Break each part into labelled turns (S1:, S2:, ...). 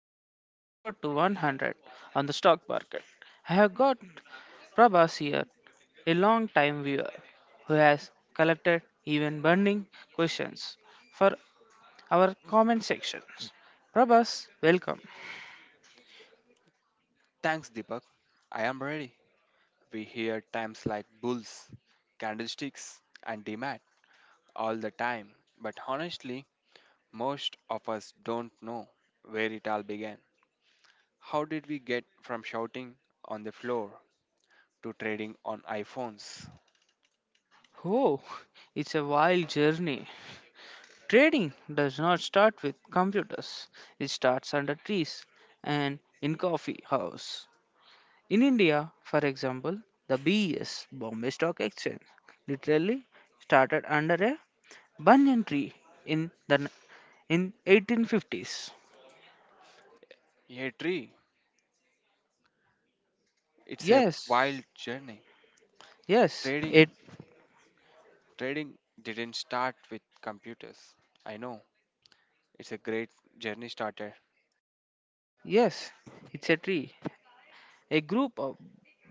S1: going 0 to 100 on the stock market. I have got Prabhas here, a long time viewer who has collected even burning questions for our comment sections. Prabhas, welcome.
S2: Thanks, Deepak. I am ready. We hear times like bulls, candlesticks, and demand all the time. But honestly, most of us don't know where it all began. How did we get from shouting on the floor to trading on iPhones?
S1: Oh, it's a wild journey. Trading does not start with computers, it starts under trees and in coffee house. In India, for example, the BES, Bombay Stock Exchange, literally started under a banyan tree in the n- in 1850s.
S2: A tree. It's a
S1: Yes,
S2: wild journey.
S1: yes, it
S2: Trading trading didn't start with computers. I know. It's a great journey starter.
S1: yes, it's a tree. A group of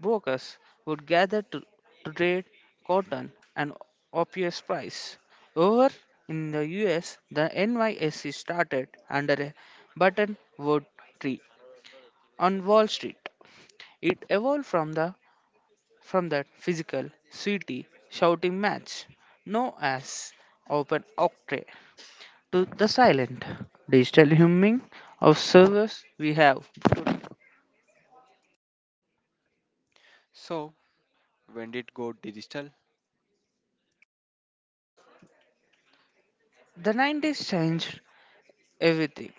S1: brokers would gather to trade cotton and opium price. Over in the US, the NYSE started under a buttonwood tree on Wall Street. It evolved from that physical, sweaty, shouting match known as Open Octave to the silent, digital humming of servers we have.
S2: So when did go digital?
S1: The 90s changed everything.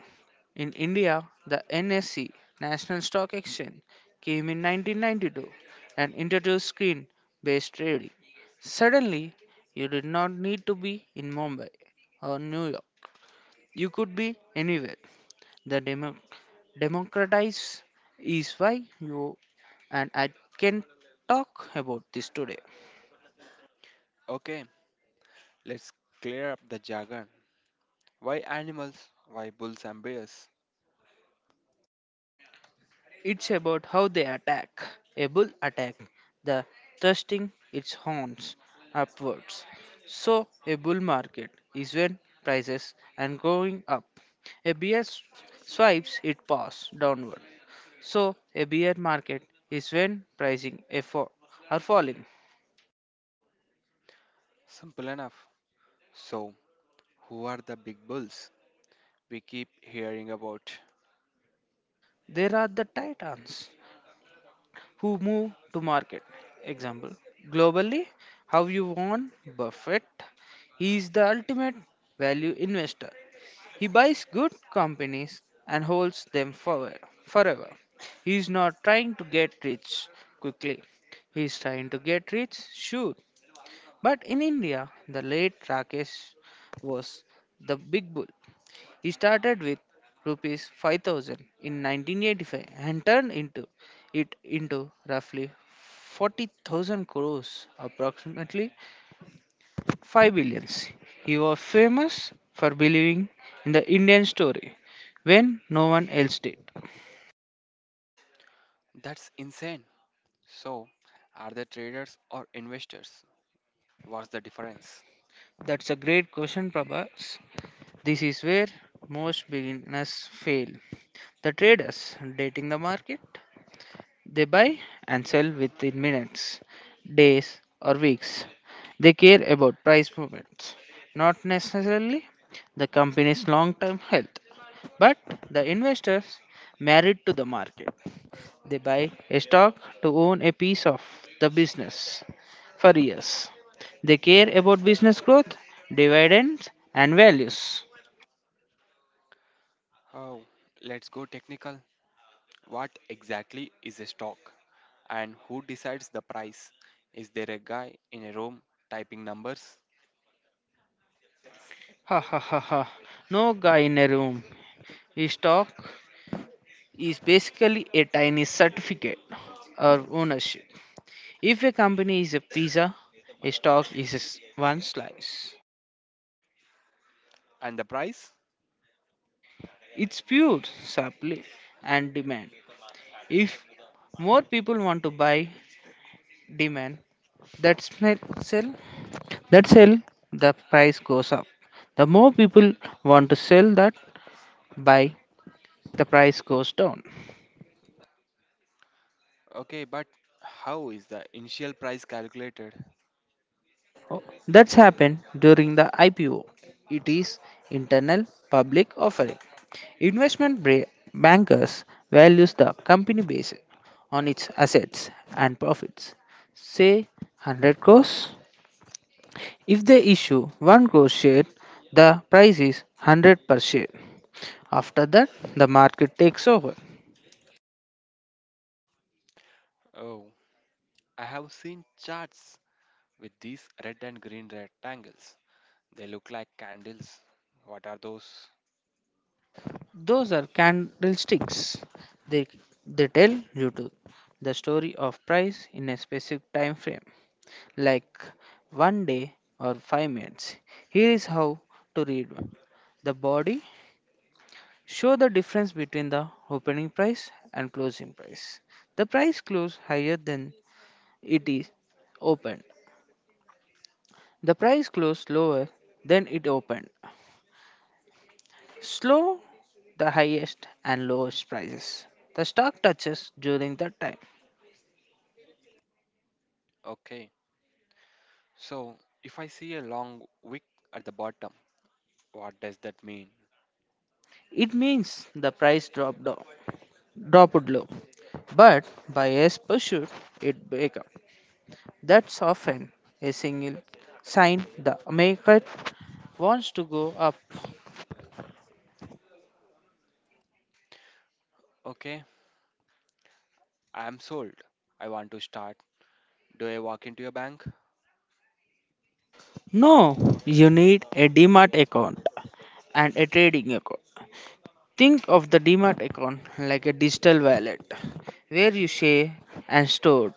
S1: In India, the NSE National Stock Exchange came in 1992 and introduced screen-based trading. Suddenly, you did not need to be in Mumbai or New York. You could be anywhere. the demo- Democratize is why you and I can talk about this today.
S2: Okay, let's clear up the jargon. Why animals? Why bulls and bears?
S1: It's about how they attack. A bull attack, the thrusting its horns upwards. So a bull market is when prices are going up. A bear s- swipes it paws downward. So a bear market is when pricing effort are falling.
S2: Simple enough. So, who are the big bulls we keep hearing about?
S1: There are the titans who move to market. Example globally, how you want Buffett. He is the ultimate value investor. He buys good companies and holds them forever. He is not trying to get rich quickly. He is trying to get rich, sure. But in India, the late Rakesh was the big bull. He started with rupees 5,000 in 1985 and turned into roughly 40,000 crores, approximately 5 billions. He was famous for believing in the Indian story when no one else did.
S2: That's insane. So, are they traders or investors? What's the difference?
S1: That's a great question, Prabhas. This is where most beginners fail. The traders dating the market. They buy and sell within minutes, days, or weeks. They care about price movements, not necessarily the company's long term health, but the investors married to the market. They buy a stock to own a piece of the business for years. They care about business growth, dividends, and values.
S2: Oh, let's go technical. What exactly is a stock? And who decides the price? Is there a guy in a room typing numbers?
S1: Ha ha ha ha. No guy in a room is stock is basically a tiny certificate of ownership. If a company is a pizza, a stock is a s- one slice.
S2: And the price?
S1: It's pure supply and demand. If more people want to buy demand, that smell sell that sell the price goes up. The more people want to sell that buy, the price goes down.
S2: Okay, but how is the initial price calculated?
S1: Oh, that's happened during the IPO. It is internal public offering. Investment bra- bankers values the company based on its assets and profits. Say 100 crores. If they issue 1 crore share, the price is 100 per share. After that, the market takes over.
S2: Oh, I have seen charts with these red and green rectangles. They look like candles. What are those?
S1: Those are candlesticks. They they tell you to the story of price in a specific time frame, like 1 day or 5 minutes. Here is how to read one. The body show the difference between the opening price and closing price. The price closed higher than it is opened. The price closed lower than it opened. Slow the highest and lowest prices. The stock touches during that time.
S2: Okay. So, if I see a long wick at the bottom, what does that mean?
S1: It means the price dropped down, dropped low, but buyers pursued it back up. That's often a single sign the market wants to go up.
S2: Okay, I am sold. I want to start. Do I walk into a bank?
S1: No, you need a DMAT account and a trading account. Think of the DMAT account like a digital wallet where you save and store,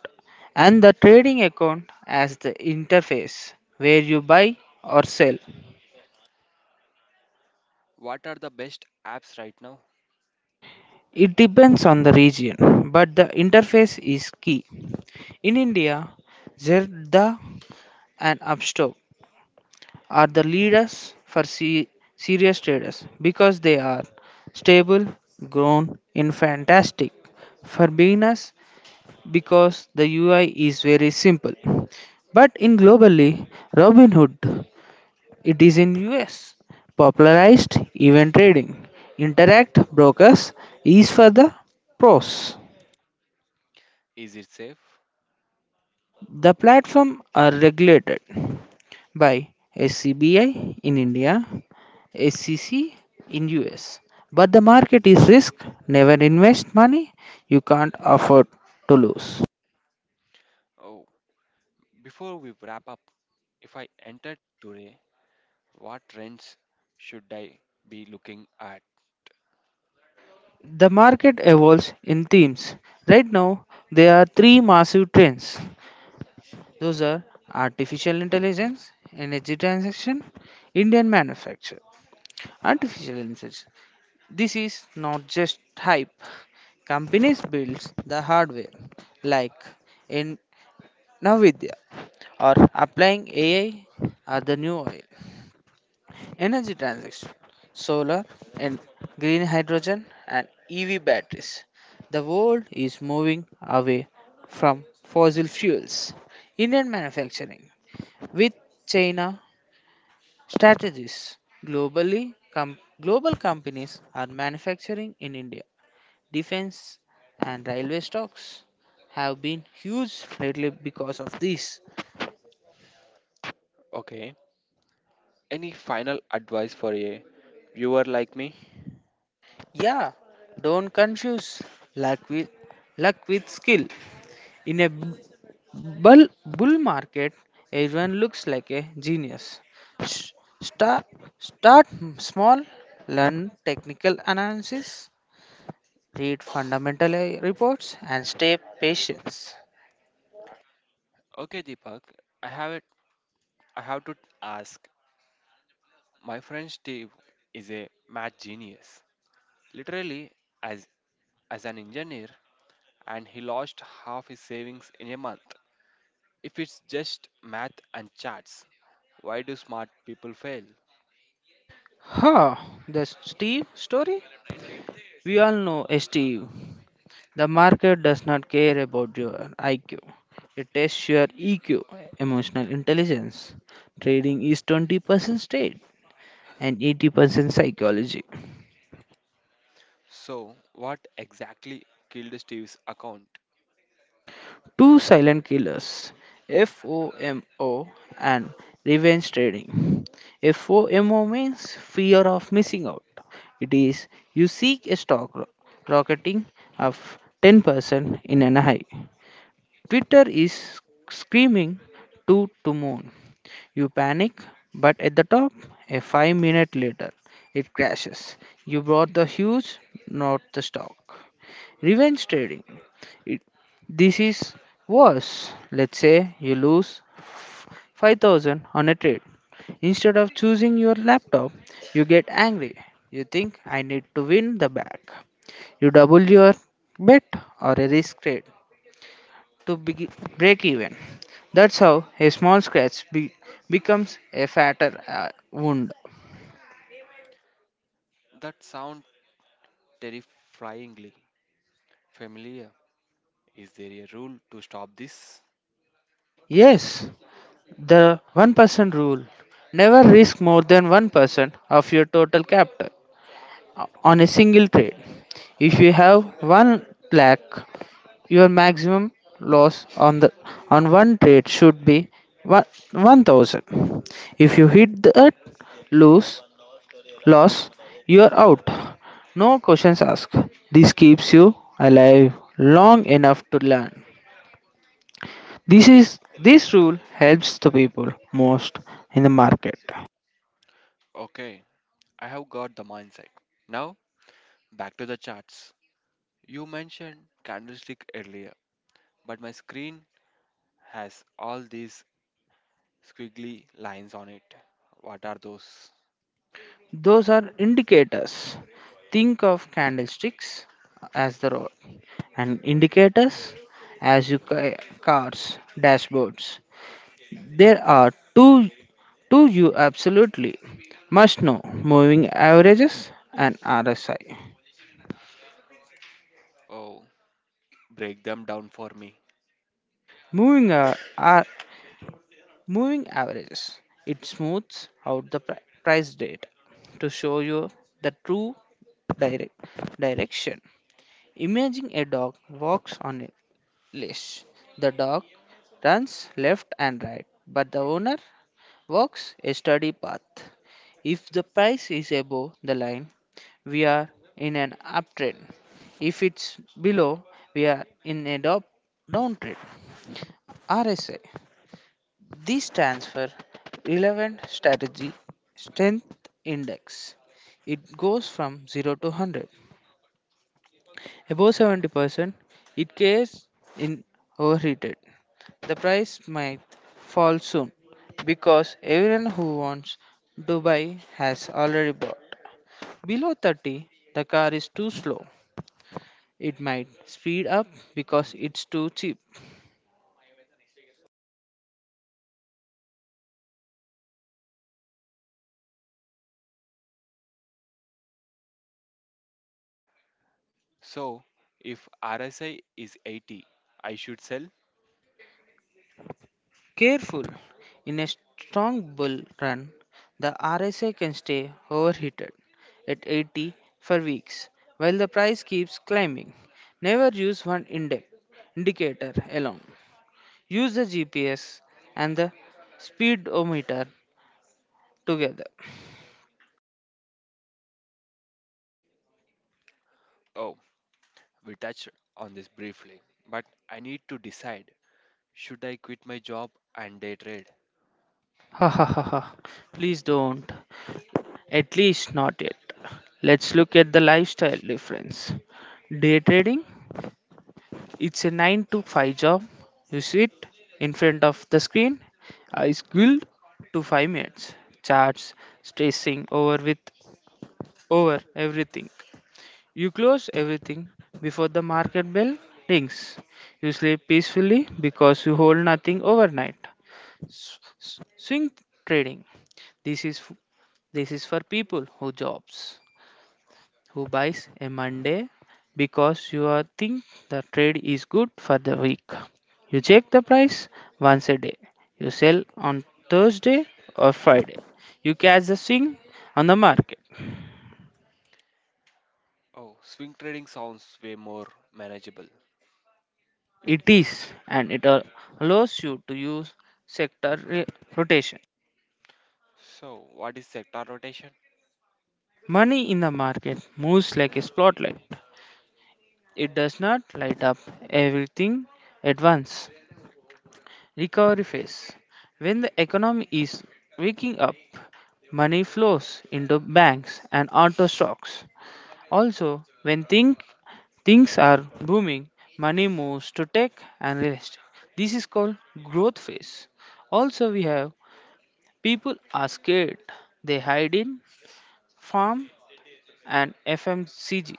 S1: and the trading account as the interface where you buy or sell.
S2: What are the best apps right now?
S1: It depends on the region, but the interface is key. In India, Zerda and Upstox are the leaders for serious traders because they are stable, grown, and fantastic. For beginners, because the UI is very simple. But in globally, Robinhood, it is in US, popularized event trading. Interact brokers is for the pros.
S2: Is it safe?
S1: The platform are regulated by SCBI in India, SCC in US. But the market is risk. Never invest money you can't afford to lose.
S2: Oh, before we wrap up, if I enter today, what trends should I be looking at?
S1: The market evolves in themes. Right now, there are three massive trends. Those are artificial intelligence, energy transition, Indian manufacture. Artificial intelligence. This is not just hype. Companies build the hardware like in Nvidia or applying AI are the new oil. Energy transition, solar and green hydrogen and EV batteries. The world is moving away from fossil fuels. Indian manufacturing with China strategies. Global companies are manufacturing in India. Defense and railway stocks have been huge lately because of this.
S2: Okay, any final advice for a viewer like me?
S1: Yeah, don't confuse luck with luck with skill. In a bull market, everyone looks like a genius. S- Start Start small, learn technical analysis, read fundamental reports, and stay patient.
S2: Okay, Deepak, I have it. I have to ask. My friend Steve is a math genius, literally as as an engineer, and he lost half his savings in a month. If it's just math and charts, why do smart people fail?
S1: Huh, the Steve story? We all know Steve. The market does not care about your IQ. It tests your EQ, emotional intelligence. Trading is 20% state and 80% psychology.
S2: So, what exactly killed Steve's account?
S1: Two silent killers, FOMO and revenge trading. FOMO means fear of missing out. It is you seek a stock rocketing of 10% in an high. Twitter is screaming to moon. You panic, but at the top, a 5 minute later, it crashes. You bought the huge, not the stock. Revenge trading. It, this is worse. Let's say you lose f- 5,000 on a trade. Instead of choosing your laptop, you get angry. You think I need to win the back. You double your bet or a risk trade to break even. That's how a small scratch becomes a fatter wound.
S2: That sounds terrifyingly familiar. Is there a rule to stop this?
S1: Yes, the 1% rule. Never risk more than 1% of your total capital on a single trade. If you have 1 lakh, your maximum loss on the on one trade should be 1,000. If you hit that, lose loss, you are out. No questions asked. This keeps you alive long enough to learn. This rule helps the people most in the market.
S2: Okay, I have got the mindset. Now, back to the charts. You mentioned candlestick earlier, but my screen has all these squiggly lines on it. What are those?
S1: Those are indicators. Think of candlesticks as the road and indicators as your cars dashboards. There are two you absolutely must know moving averages and RSI.
S2: Oh, break them down for me.
S1: Moving uh, uh, Moving averages. It smooths out the price data to show you the true direct direction. Imagine a dog walks on a leash. The dog runs left and right, but the owner walks a steady path. If the price is above the line, we are in an uptrend. If it's below, we are in a downtrend. RSI this stands for Relevant Strategy Strength Index. It goes from 0 to 100. Above 70%, it cares in overheated. The price might fall soon because everyone who wants to buy has already bought. Below 30, the car is too slow. It might speed up because it's too cheap.
S2: So, if RSI is 80, I should sell?
S1: Careful. In a strong bull run, the RSI can stay overheated at 80 for weeks while the price keeps climbing. Never use one index indicator alone. Use the GPS and the speedometer together.
S2: Oh, we touched on this briefly, but I need to decide, should I quit my job and day trade?
S1: Ha ha ha ha. Please don't. At least not yet. Let's look at the lifestyle difference. Day trading it's a 9 to 5 job. You sit in front of the screen, eyes glued to 5 minutes, charts stressing over everything. You close everything before the market bell rings. You sleep peacefully because you hold nothing overnight. Swing trading. This is f- this is for people who jobs who buys a Monday because you are think the trade is good for the week. You check the price once a day. You sell on Thursday or Friday. You catch the swing on the market.
S2: Oh, swing trading sounds way more manageable.
S1: It is and allows you to use sector rotation.
S2: So, what is sector rotation?
S1: Money in the market moves like a spotlight. It does not light up everything at once. Recovery phase. When the economy is waking up, money flows into banks and auto stocks. Also, when think, things are booming, money moves to tech and real estate. This is called growth phase. Also, we have people are scared. They hide in farm and FMCG.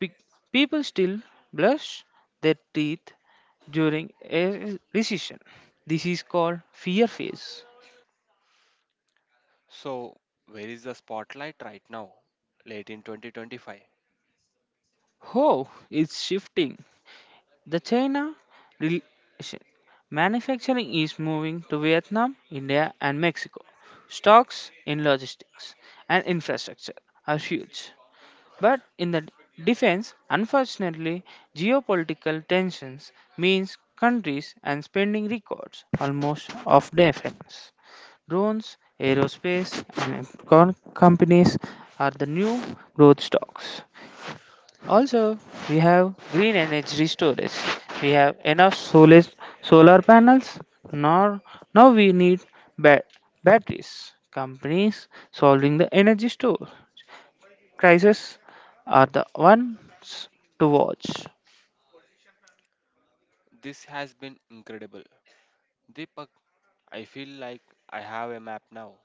S1: Pe- People still brush their teeth during a recession. This is called fear phase.
S2: So, where is the spotlight right now? Late in 2025.
S1: Oh, it's shifting. The China relation. Manufacturing is moving to Vietnam, India, and Mexico. Stocks in logistics and infrastructure are huge. But in the defense, unfortunately, geopolitical tensions means countries and spending records almost of defense. Drones, aerospace, and companies are the new growth stocks. Also, we have green energy storage. We have enough solar panels. Nor Now we need ba- batteries. Companies solving the energy store crisis are the ones to watch.
S2: This has been incredible. Deepak, I feel like I have a map now.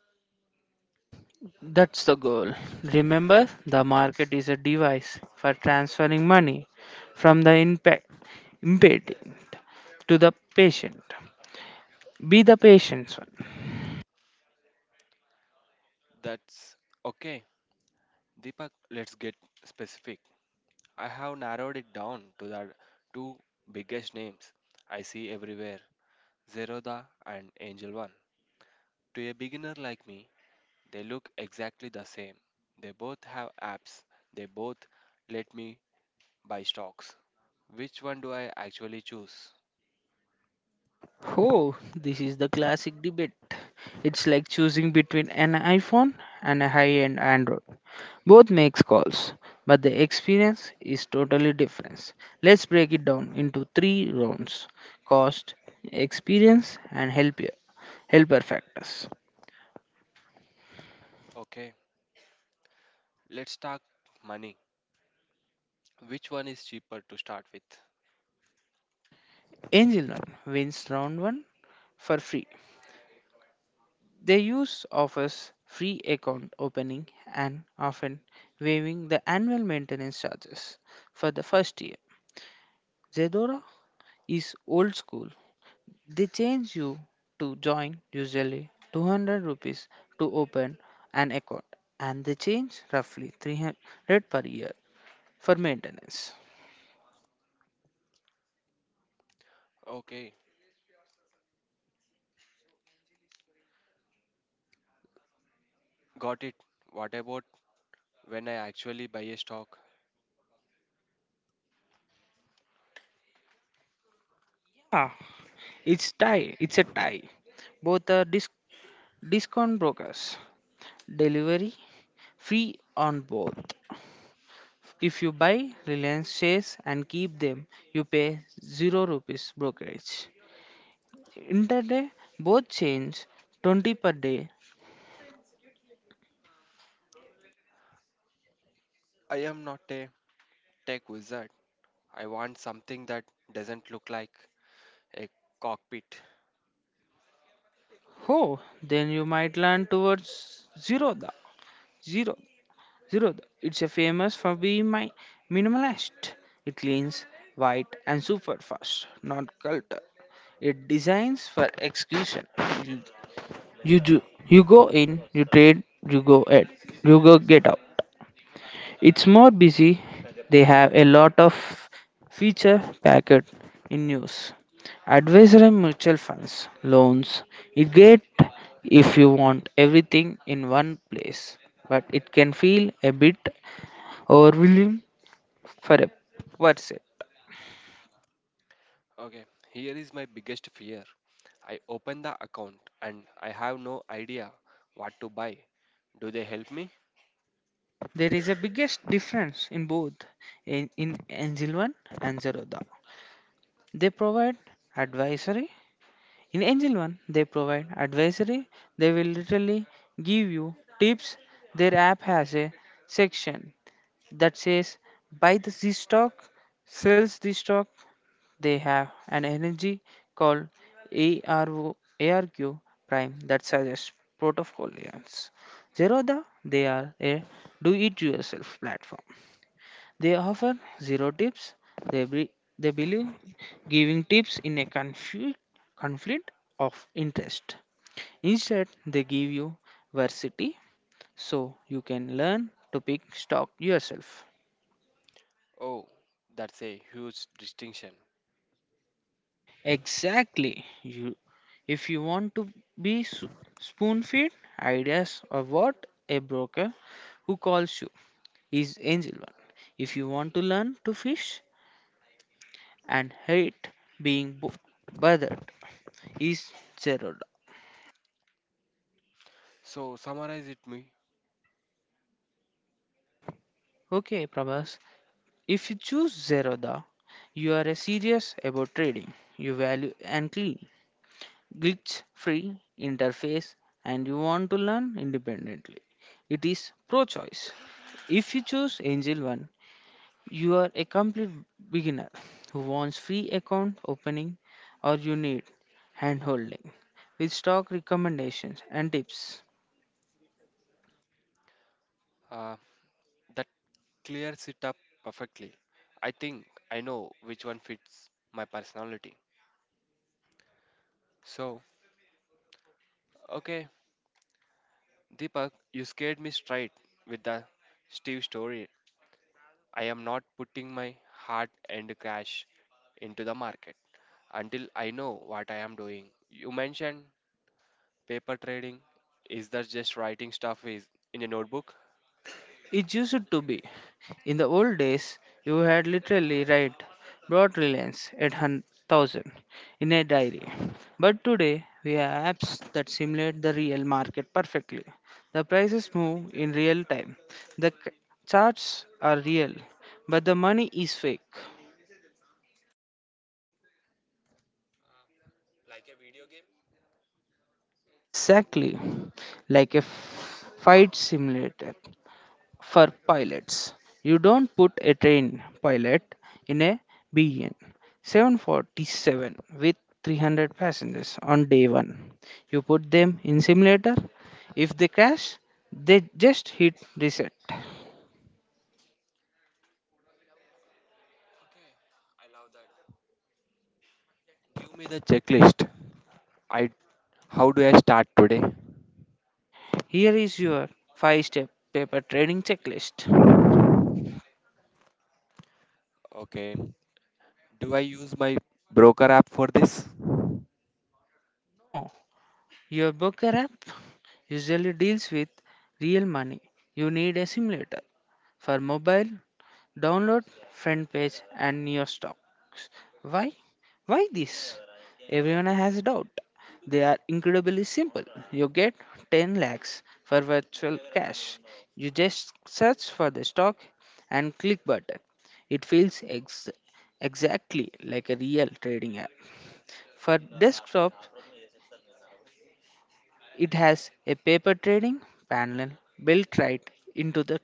S1: That's the goal. Remember, the market is a device for transferring money from the impeding to the patient. Be the patient.
S2: That's okay. Deepak, let's get specific. I have narrowed it down to the two biggest names I see everywhere, Zeroda and Angel One. To a beginner like me, they look exactly the same. They both have apps, they both let me buy stocks. Which one do I actually choose?
S1: Oh, this is the classic debate. It's like choosing between an iPhone and a high-end Android. Both makes calls, but the experience is totally different. Let's break it down into three rounds: cost, experience, and helper factors.
S2: Okay, let's talk money. Which one is cheaper to start with?
S1: Angel One wins round one for free. They use offers free account opening and often waiving the annual maintenance charges for the first year. Zedora is old school. They change you to join usually 200 rupees to open an account, and they change roughly 300 per year for maintenance.
S2: Okay, got it. What about when I actually buy a stock?
S1: Yeah, it's a tie. Both are discount brokers. Delivery free on both. If you buy Reliance shares and keep them, you pay 0 rupees brokerage. Interday both change 20 per day.
S2: I am not a tech wizard. I want something that doesn't look like a cockpit.
S1: Oh, then you might land towards Zerodha. Zero, Zerodha. It's a famous for being my minimalist. It cleans, white, and super fast, not culture. It designs for execution. You, you do, you go in, you trade, you go out, you go get out. It's more busy. They have a lot of feature packet in news, advisory mutual funds, loans. It great if you want everything in one place, but it can feel a bit overwhelming for a person.
S2: Okay, here is my biggest fear. I open the account and I have no idea what to buy. Do they help me?
S1: There is a biggest difference in both in Angelvan and Zerodha. They provide advisory In Angel One, they provide advisory. They will literally give you tips. Their app has a section that says buy the Z stock, sells this stock. They have an energy called ARQ Prime that suggests portfolios. Zerodha, they are a do-it-yourself platform, they offer zero tips. They, be, they believe giving tips in a confu- conflict of interest. Instead, they give you varsity so you can learn to pick stock yourself.
S2: Oh, that's a huge distinction.
S1: Exactly. If you want to be spoon fed ideas or what a broker who calls you is angel one. If you want to learn to fish and hate being bothered is zero.
S2: So, summarize it me.
S1: Okay, Prabhas, if you choose Zerodha, you are serious about trading. You value and clean, glitch free interface, and you want to learn independently. It is pro choice. If you choose Angel One, you are a complete beginner who wants free account opening, or you need hand holding with stock recommendations and tips.
S2: Uh, that clears it up perfectly. I think I know which one fits my personality. So, okay, Deepak, you scared me straight with the Steve story. I am not putting my heart and cash into the market until I know what I am doing. You mentioned paper trading. Is that just writing stuff is in a notebook?
S1: It used to be. In the old days, you had literally write broad reliance at 1,000 in a diary. But today, we have apps that simulate the real market perfectly. The prices move in real time. The charts are real, but the money is fake.
S2: Like a video game?
S1: Exactly like a fight simulator for pilots. You don't put a train pilot in a 747 with 300 passengers on day one. You put them in simulator. If they crash, they just hit reset.
S2: I love that. Give me the checklist. I how do I start today?
S1: Here is your 5 step paper trading checklist.
S2: Okay. Do I use my broker app for this?
S1: No, your broker app usually deals with real money. You need a simulator for mobile. Download front page and your stocks. Why? Why this? Everyone has a doubt. They are incredibly simple. You get 10 lakhs for virtual cash. You just search for the stock and click button. It feels exactly like a real trading app. For desktop, it has a paper trading panel built right into the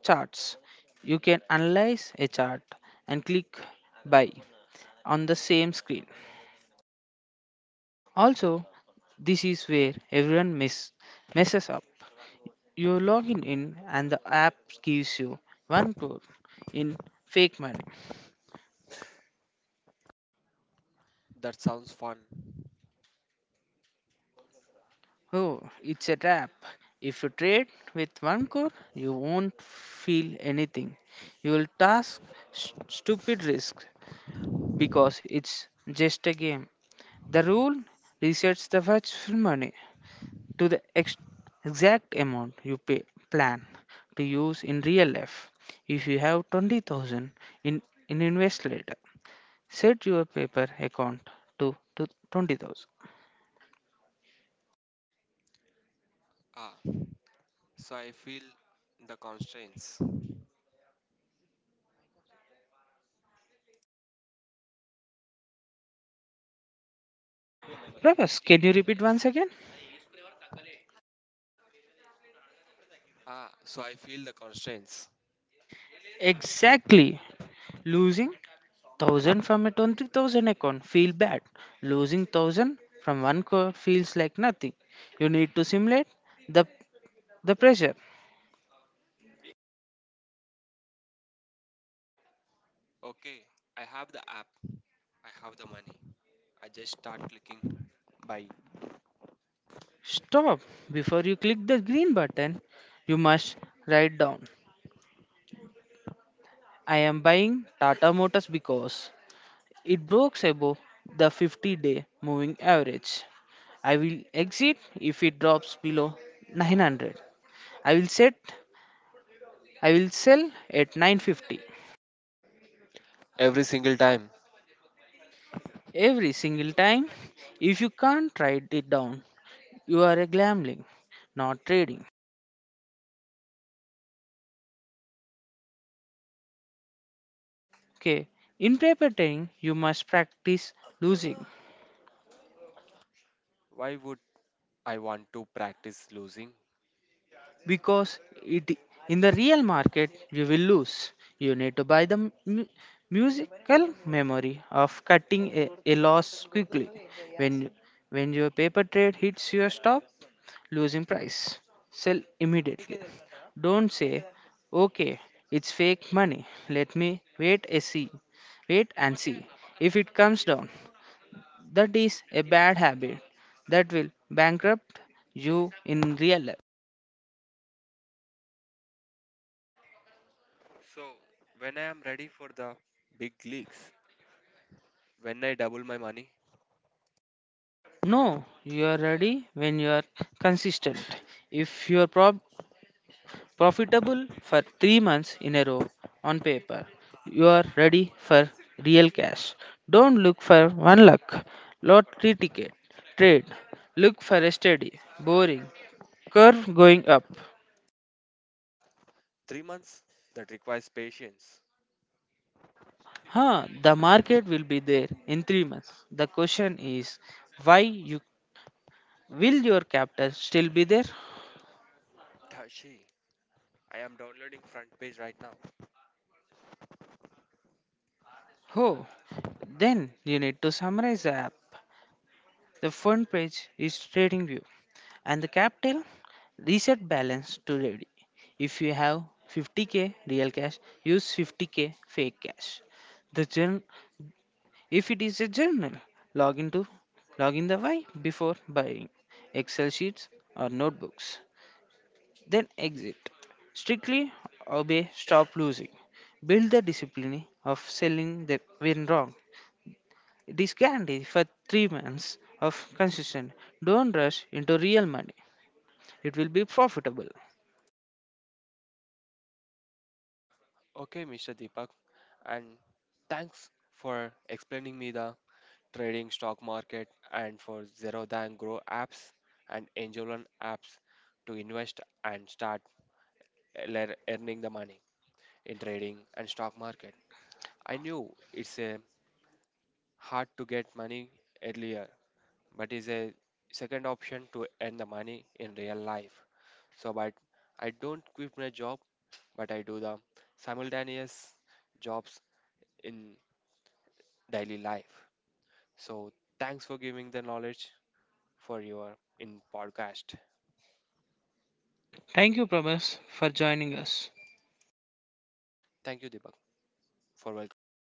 S1: charts. You can analyze a chart and click buy on the same screen. Also, this is where everyone messes up. You log in and the app gives you one crore in fake money.
S2: That sounds fun.
S1: Oh, it's a trap. If you trade with one crore, you won't feel anything. You will task stupid risk because it's just a game. The rule resets the virtual money to the exact amount you pay, plan to use in real life. If you have 20,000 in, in invest later, set your paper account to 20,000.
S2: Ah, so I feel the constraints.
S1: Prabhas, can you repeat once again?
S2: Ah, so I feel the constraints.
S1: Exactly. Losing 1000 from a 20,000 account feel bad. Losing 1000 from one crore feels like nothing. You need to simulate the the pressure.
S2: Okay, I have the app, I have the money. I just start clicking buy
S1: Stop before you click the green button. You must write down I am buying Tata Motors because it breaks above the 50-day moving average. I will exit if it drops below 900. I will set I will sell at 950
S2: every single time.
S1: every single time. If you can't write it down, you are a gambling, not trading. Okay. In paper trading, you must practice losing.
S2: Why would I want to practice losing?
S1: Because it in the real market you will lose. You need to buy the mu- musical memory of cutting a loss quickly when when your paper trade hits your stop losing price. Sell immediately. Don't say okay, it's fake money, let me wait and see, wait and see if it comes down. That is a bad habit that will bankrupt you in real life.
S2: So, when I am ready for the big leagues, when I double my money,
S1: No, you are ready when you are consistent. If you are profitable for 3 months in a row on paper, you are ready for real cash. Don't look for one lottery ticket, trade. Look for a steady, boring curve going up.
S2: 3 months that requires patience.
S1: Huh, the market will be there in 3 months. The question is, why you will your capital still be there?
S2: Tashi, I am downloading front page right now.
S1: Oh, then you need to summarize the app. The front page is trading view and the capital reset balance to ready. If you have 50k real cash, use 50k fake cash. The journal, if it is a journal, log into log in the why before buying Excel sheets or notebooks. Then exit. Strictly obey stop losing. Build the discipline of selling the when wrong. This guarantee for 3 months of consistent. Don't rush into real money. It will be profitable.
S2: Okay, Mr. Deepak, and thanks for explaining me the trading stock market and for zero and Grow apps and Angel One apps to invest and start earning the money in trading and stock market. I knew it's a hard to get money earlier, but is a second option to earn the money in real life. So, but I don't quit my job, but I do the simultaneous jobs in daily life. So thanks for giving the knowledge for your in podcast.
S1: Thank you, Prabhas, for joining us.
S2: Thank you, Deepak, for welcoming me.